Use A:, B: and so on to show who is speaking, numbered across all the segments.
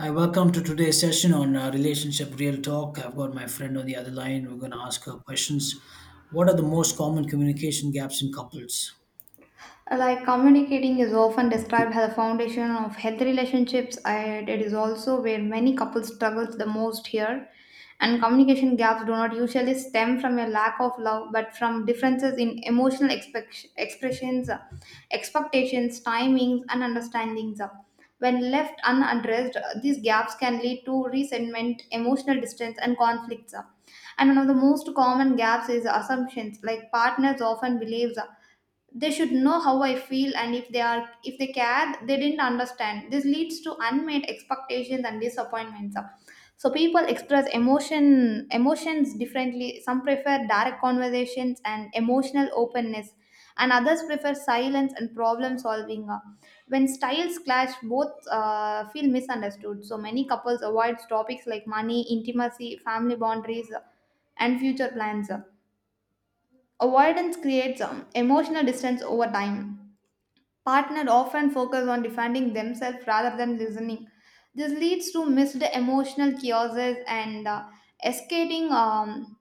A: Hi, welcome to today's session on relationship real talk. I've got my friend on the other line. We're going to ask her questions. What are the most common communication gaps in couples?
B: Like, communicating is often described as a foundation of healthy relationships, and it is also where many couples struggle the most here. And communication gaps do not usually stem from a lack of love, but from differences in emotional expressions, expectations, timings and understandings. When left unaddressed, these gaps can lead to resentment, emotional distance and conflicts. And one of the most common gaps is assumptions. Like, partners often believes they should know how I feel, and if they care, they didn't understand. This leads to unmet expectations and disappointments. So people express emotions differently. Some prefer direct conversations and emotional openness, and others prefer silence and problem solving. When styles clash, both feel misunderstood. So many couples avoid topics like money, intimacy, family boundaries and future plans. Avoidance creates emotional distance over time. Partner often focus on defending themselves rather than listening. This leads to missed emotional causes and escalating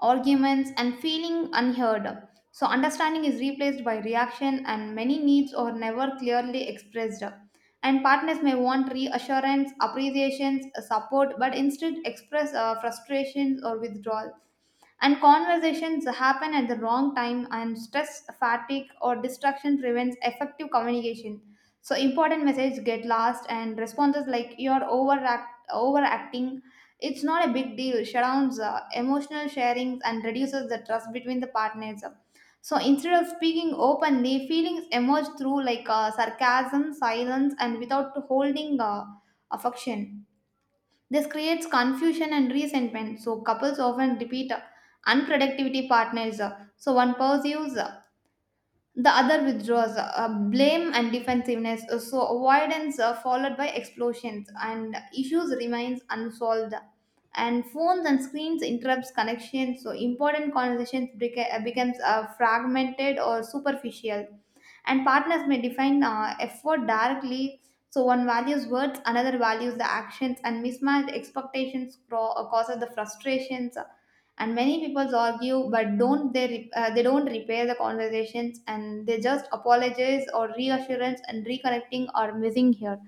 B: arguments and feeling unheard. So, understanding is replaced by reaction, and many needs are never clearly expressed. And partners may want reassurance, appreciations, support, but instead express frustrations or withdrawal. And conversations happen at the wrong time, and stress, fatigue, or distraction prevents effective communication. So important message get lost, and responses like "you're overacting," it's not a big deal. Surrounds emotional sharings and reduces the trust between the partners. So instead of speaking openly, feelings emerge through like sarcasm, silence, and without holding affection. This creates confusion and resentment, so couples often repeat unproductivity partners. So one pursues, the other withdraws, blame and defensiveness, so avoidance followed by explosions, and issues remains unsolved. And phones and screens interrupts connection, so important conversations becomes fragmented or superficial. And partners may define effort directly, so one values words, another values the actions, and mismatched expectations causes the frustrations. And many people argue but don't they don't repair the conversations, and they just apologize, or reassurance and reconnecting are missing here.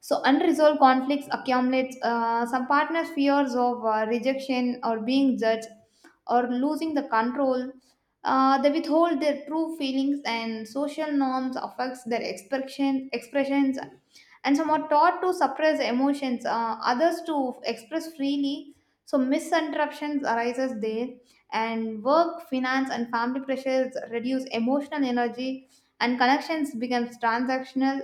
B: So unresolved conflicts accumulate. Some partners fears of rejection or being judged or losing the control. They withhold their true feelings, and social norms affects their expressions. And some are taught to suppress emotions, others to express freely, so misinterruptions arises there. And work, finance and family pressures reduce emotional energy, and connections becomes transactional.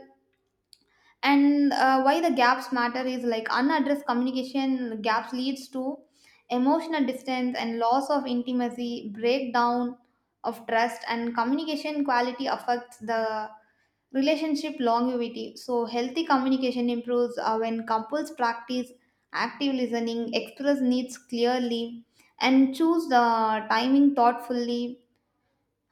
B: And why the gaps matter is, like, unaddressed communication gaps leads to emotional distance and loss of intimacy, breakdown of trust. And communication quality affects the relationship longevity. So healthy communication improves when couples practice active listening, express needs clearly, and choose the timing thoughtfully,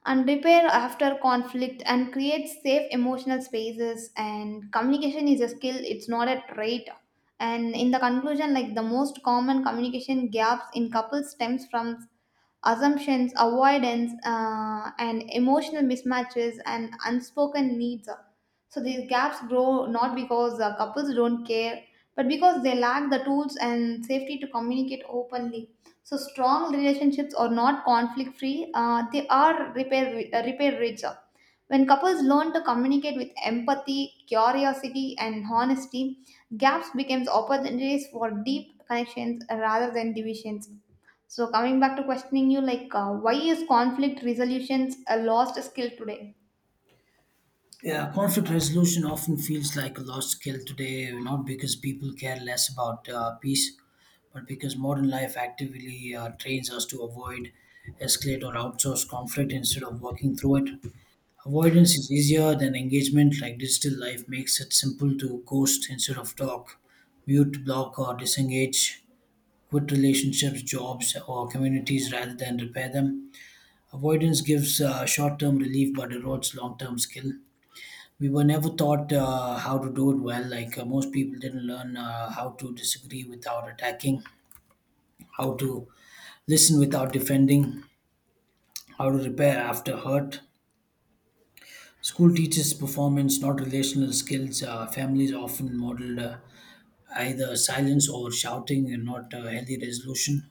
B: and repair after conflict, and create safe emotional spaces. And communication is a skill, it's not a trait. And in the conclusion, like, the most common communication gaps in couples stems from assumptions, avoidance, and emotional mismatches and unspoken needs. So these gaps grow not because couples don't care, but because they lack the tools and safety to communicate openly. So strong relationships are not conflict free. They are repair repair rich. When couples learn to communicate with empathy, curiosity, and honesty, gaps becomes opportunities for deep connections rather than divisions. So coming back to questioning you, like, why is conflict resolutions a lost skill today?
A: Yeah, conflict resolution often feels like a lost skill today, not because people care less about peace, but because modern life actively trains us to avoid, escalate, or outsource conflict instead of working through it. Avoidance is easier than engagement, like digital life makes it simple to ghost instead of talk, mute, block, or disengage, quit relationships, jobs, or communities rather than repair them. Avoidance gives short term relief but erodes long term skill. We were never taught how to do it well, like most people didn't learn how to disagree without attacking, how to listen without defending, how to repair after hurt. School teaches performance, not relational skills. Families often model either silence or shouting, and not healthy resolution.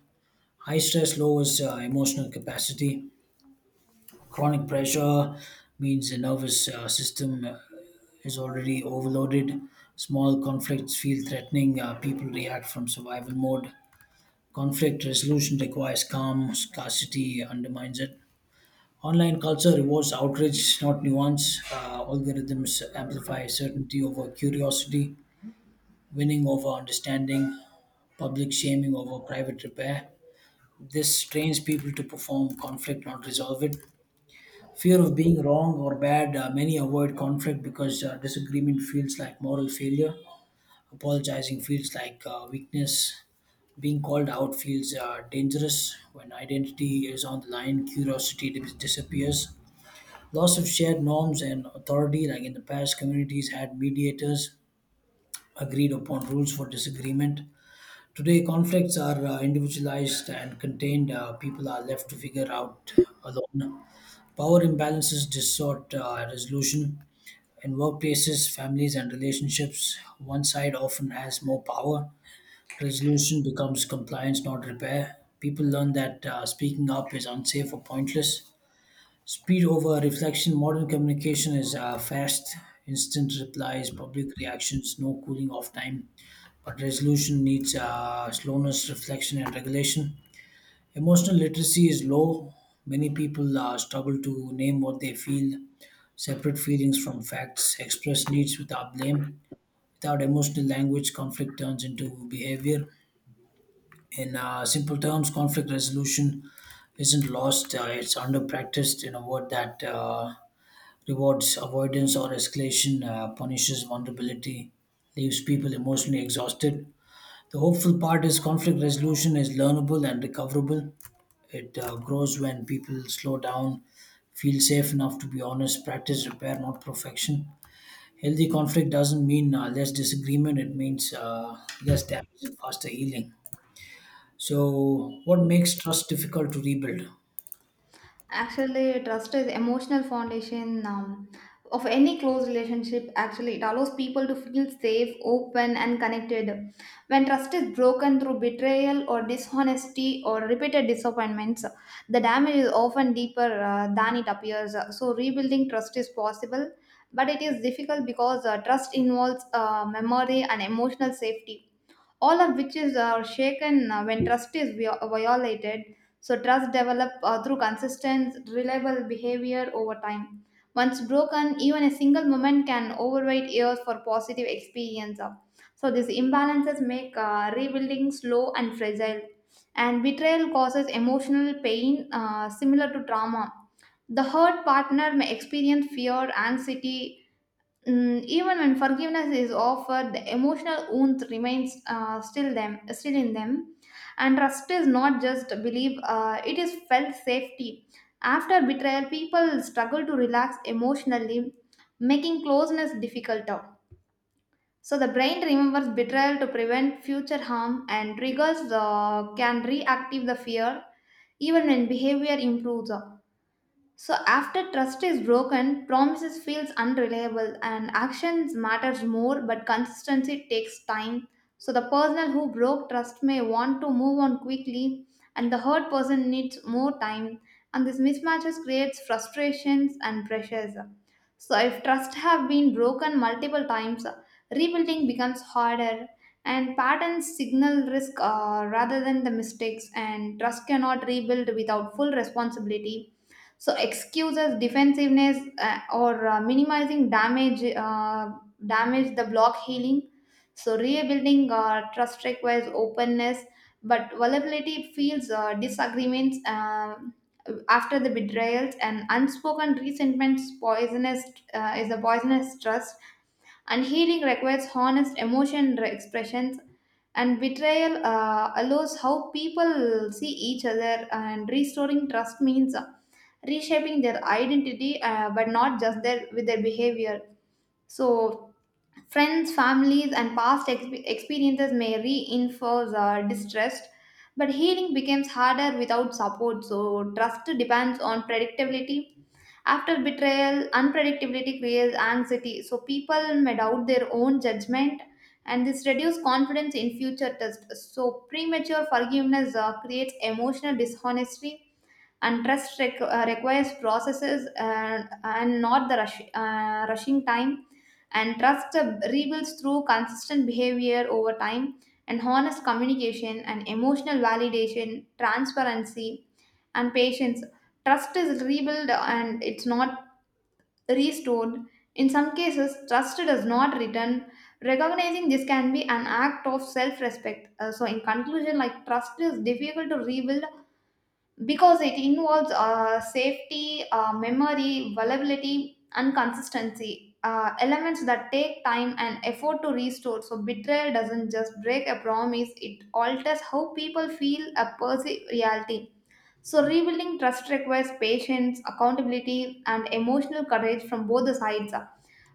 A: High stress lowers emotional capacity. Chronic pressure means the nervous system is already overloaded. Small conflicts feel threatening. People react from survival mode. Conflict resolution requires calm. Scarcity undermines it. Online culture rewards outrage, not nuance. Algorithms amplify certainty over curiosity, winning over understanding, public shaming over private repair. This trains people to perform conflict, not resolve it. Fear of being wrong or bad, many avoid conflict because disagreement feels like moral failure. Apologizing feels like weakness. Being called out feels dangerous. When identity is on the line, disappears. Loss of shared norms and authority, like in the past, communities had mediators, agreed upon rules for disagreement. Today, conflicts are individualized and contained. People are left to figure out alone. Power imbalances distort resolution. In workplaces, families, and relationships, one side often has more power. Resolution becomes compliance, not repair. People learn that speaking up is unsafe or pointless. Speed over reflection. Modern communication is fast, instant replies, public reactions, no cooling off time. But resolution needs slowness, reflection, and regulation. Emotional literacy is low. Many people struggle to name what they feel, separate feelings from facts, express needs without blame. Without emotional language, conflict turns into behavior. In simple terms, conflict resolution isn't lost, it's under practiced in a word that rewards avoidance or escalation, punishes vulnerability, leaves people emotionally exhausted. The hopeful part is conflict resolution is learnable and recoverable. It grows when people slow down, feel safe enough to be honest, practice repair, not perfection. Healthy conflict doesn't mean less disagreement, it means less damage and faster healing. So, what makes trust difficult to rebuild?
B: Actually, trust is emotional foundation of any close relationship. Actually, it allows people to feel safe, open, and connected. When trust is broken through betrayal or dishonesty or repeated disappointments, the damage is often deeper than it appears. So, rebuilding trust is possible, but it is difficult because trust involves memory and emotional safety, all of which is shaken when trust is violated. So trust develop through consistent, reliable behavior over time. Once broken, even a single moment can overweight years for positive experience. So these imbalances make rebuilding slow and fragile. And betrayal causes emotional pain similar to trauma. The hurt partner may experience fear, anxiety. Mm, even when forgiveness is offered, the emotional wound remains, still them, still in them. And trust is not just belief; it is felt safety. After betrayal, people struggle to relax emotionally, making closeness difficult. So the brain remembers betrayal to prevent future harm, and triggers can reactivate the fear even when behavior improves. So after trust is broken, promises feels unreliable and actions matters more, but consistency takes time. So the person who broke trust may want to move on quickly, and the hurt person needs more time, and this mismatches creates frustrations and pressures. So if trust have been broken multiple times, rebuilding becomes harder, and patterns signal risk rather than the mistakes. And trust cannot rebuild without full responsibility, so excuses, defensiveness, or minimizing damage damage the block healing. So rebuilding trust requires openness, but vulnerability feels disagreements after the betrayals, and unspoken resentments poisonous, is a poisonous trust. And healing requires honest emotion expressions, and betrayal allows how people see each other. And restoring trust means reshaping their identity, but not just their with their behavior. So friends, families, and past experiences may reinforce our distrust, but healing becomes harder without support. So, trust depends on predictability. After betrayal, unpredictability creates anxiety, so people may doubt their own judgment, and this reduces confidence in future tests. So, premature forgiveness creates emotional dishonesty, and trust requires processes, and, not the rush, rushing time. And trust rebuilds through consistent behavior over time, and honest communication and emotional validation, transparency and patience. Trust is rebuilt, and it's not restored. In some cases trust does not return. Recognizing this can be an act of self-respect. So in conclusion, like, trust is difficult to rebuild because it involves safety, memory, vulnerability, and consistency. Elements that take time and effort to restore. So betrayal doesn't just break a promise; it alters how people feel a perceived reality. So rebuilding trust requires patience, accountability, and emotional courage from both the sides.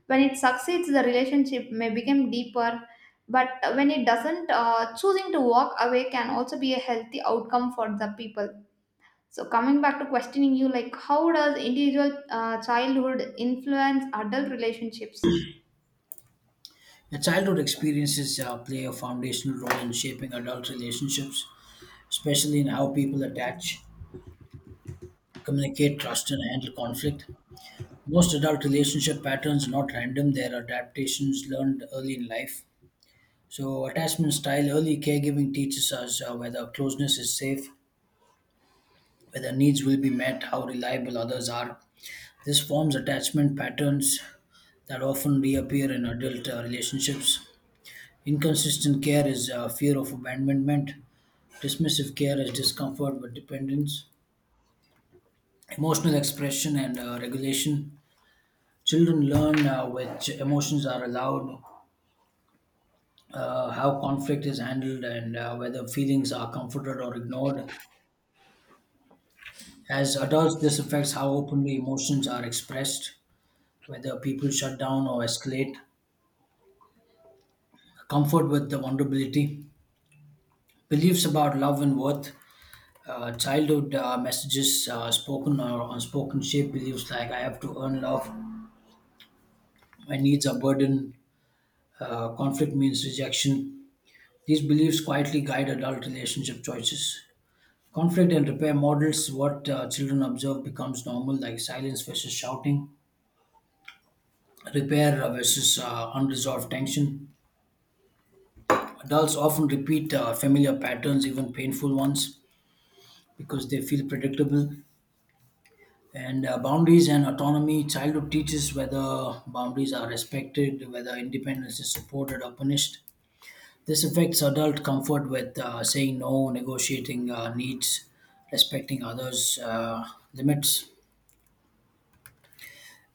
B: When it succeeds, the relationship may become deeper. But when it doesn't, choosing to walk away can also be a healthy outcome for the people. So coming back to questioning you, like, how does individual childhood influence adult relationships?
A: Your childhood experiences play a foundational role in shaping adult relationships, especially in how people attach, communicate, trust, and handle conflict. Most adult relationship patterns are not random, they're adaptations learned early in life. So, attachment style, early caregiving teaches us whether closeness is safe, whether needs will be met, how reliable others are. This forms attachment patterns that often reappear in adult relationships. Inconsistent care is fear of abandonment, dismissive care is discomfort with dependence, emotional expression and regulation. Children learn which emotions are allowed, how conflict is handled, and whether feelings are comforted or ignored. As adults, this affects how openly emotions are expressed, whether people shut down or escalate. Comfort with the vulnerability, beliefs about love and worth, childhood messages, spoken or unspoken, shape beliefs like I have to earn love, my needs are burden, conflict means rejection. These beliefs quietly guide adult relationship choices. Conflict and repair models what children observe becomes normal, like silence versus shouting, repair versus unresolved tension. Adults often repeat familiar patterns, even painful ones, because they feel predictable. And boundaries and autonomy. Childhood teaches whether boundaries are respected, whether independence is supported or punished. This affects adult comfort with saying no, negotiating needs, respecting others' limits.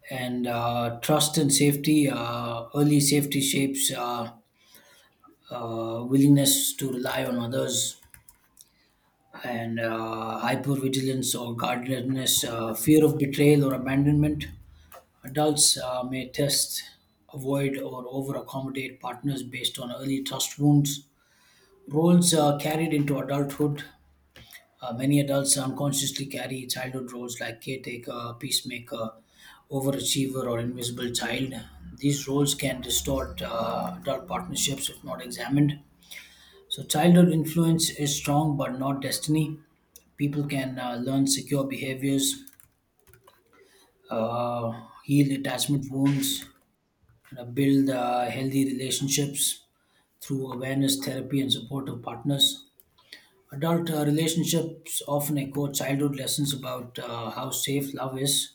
A: And trust and safety. Early safety shapes willingness to rely on others, and hypervigilance or guardedness, fear of betrayal or abandonment. Adults may test, avoid, or over accommodate partners based on early trust wounds. Roles carried into adulthood. Many adults unconsciously carry childhood roles like caretaker, peacemaker, overachiever, or invisible child. These roles can distort adult partnerships if not examined. So, childhood influence is strong but not destiny. People can learn secure behaviors, uh, heal attachment wounds, and build healthy relationships through awareness, therapy, and supportive partners. Adult relationships often echo childhood lessons about how safe love is,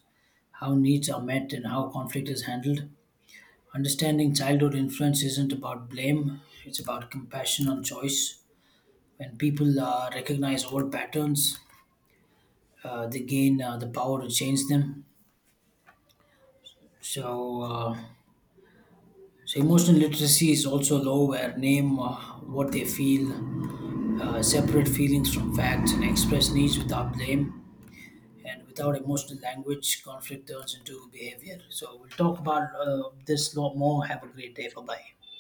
A: how needs are met, and how conflict is handled. Understanding childhood influence isn't about blame, it's about compassion and choice. When people recognize old patterns, they gain the power to change them. So, uh, so emotional literacy is also low, where name what they feel, separate feelings from facts, and express needs without blame, and without emotional language, conflict turns into behavior. So we'll talk about this lot more. Have a great day. Bye bye.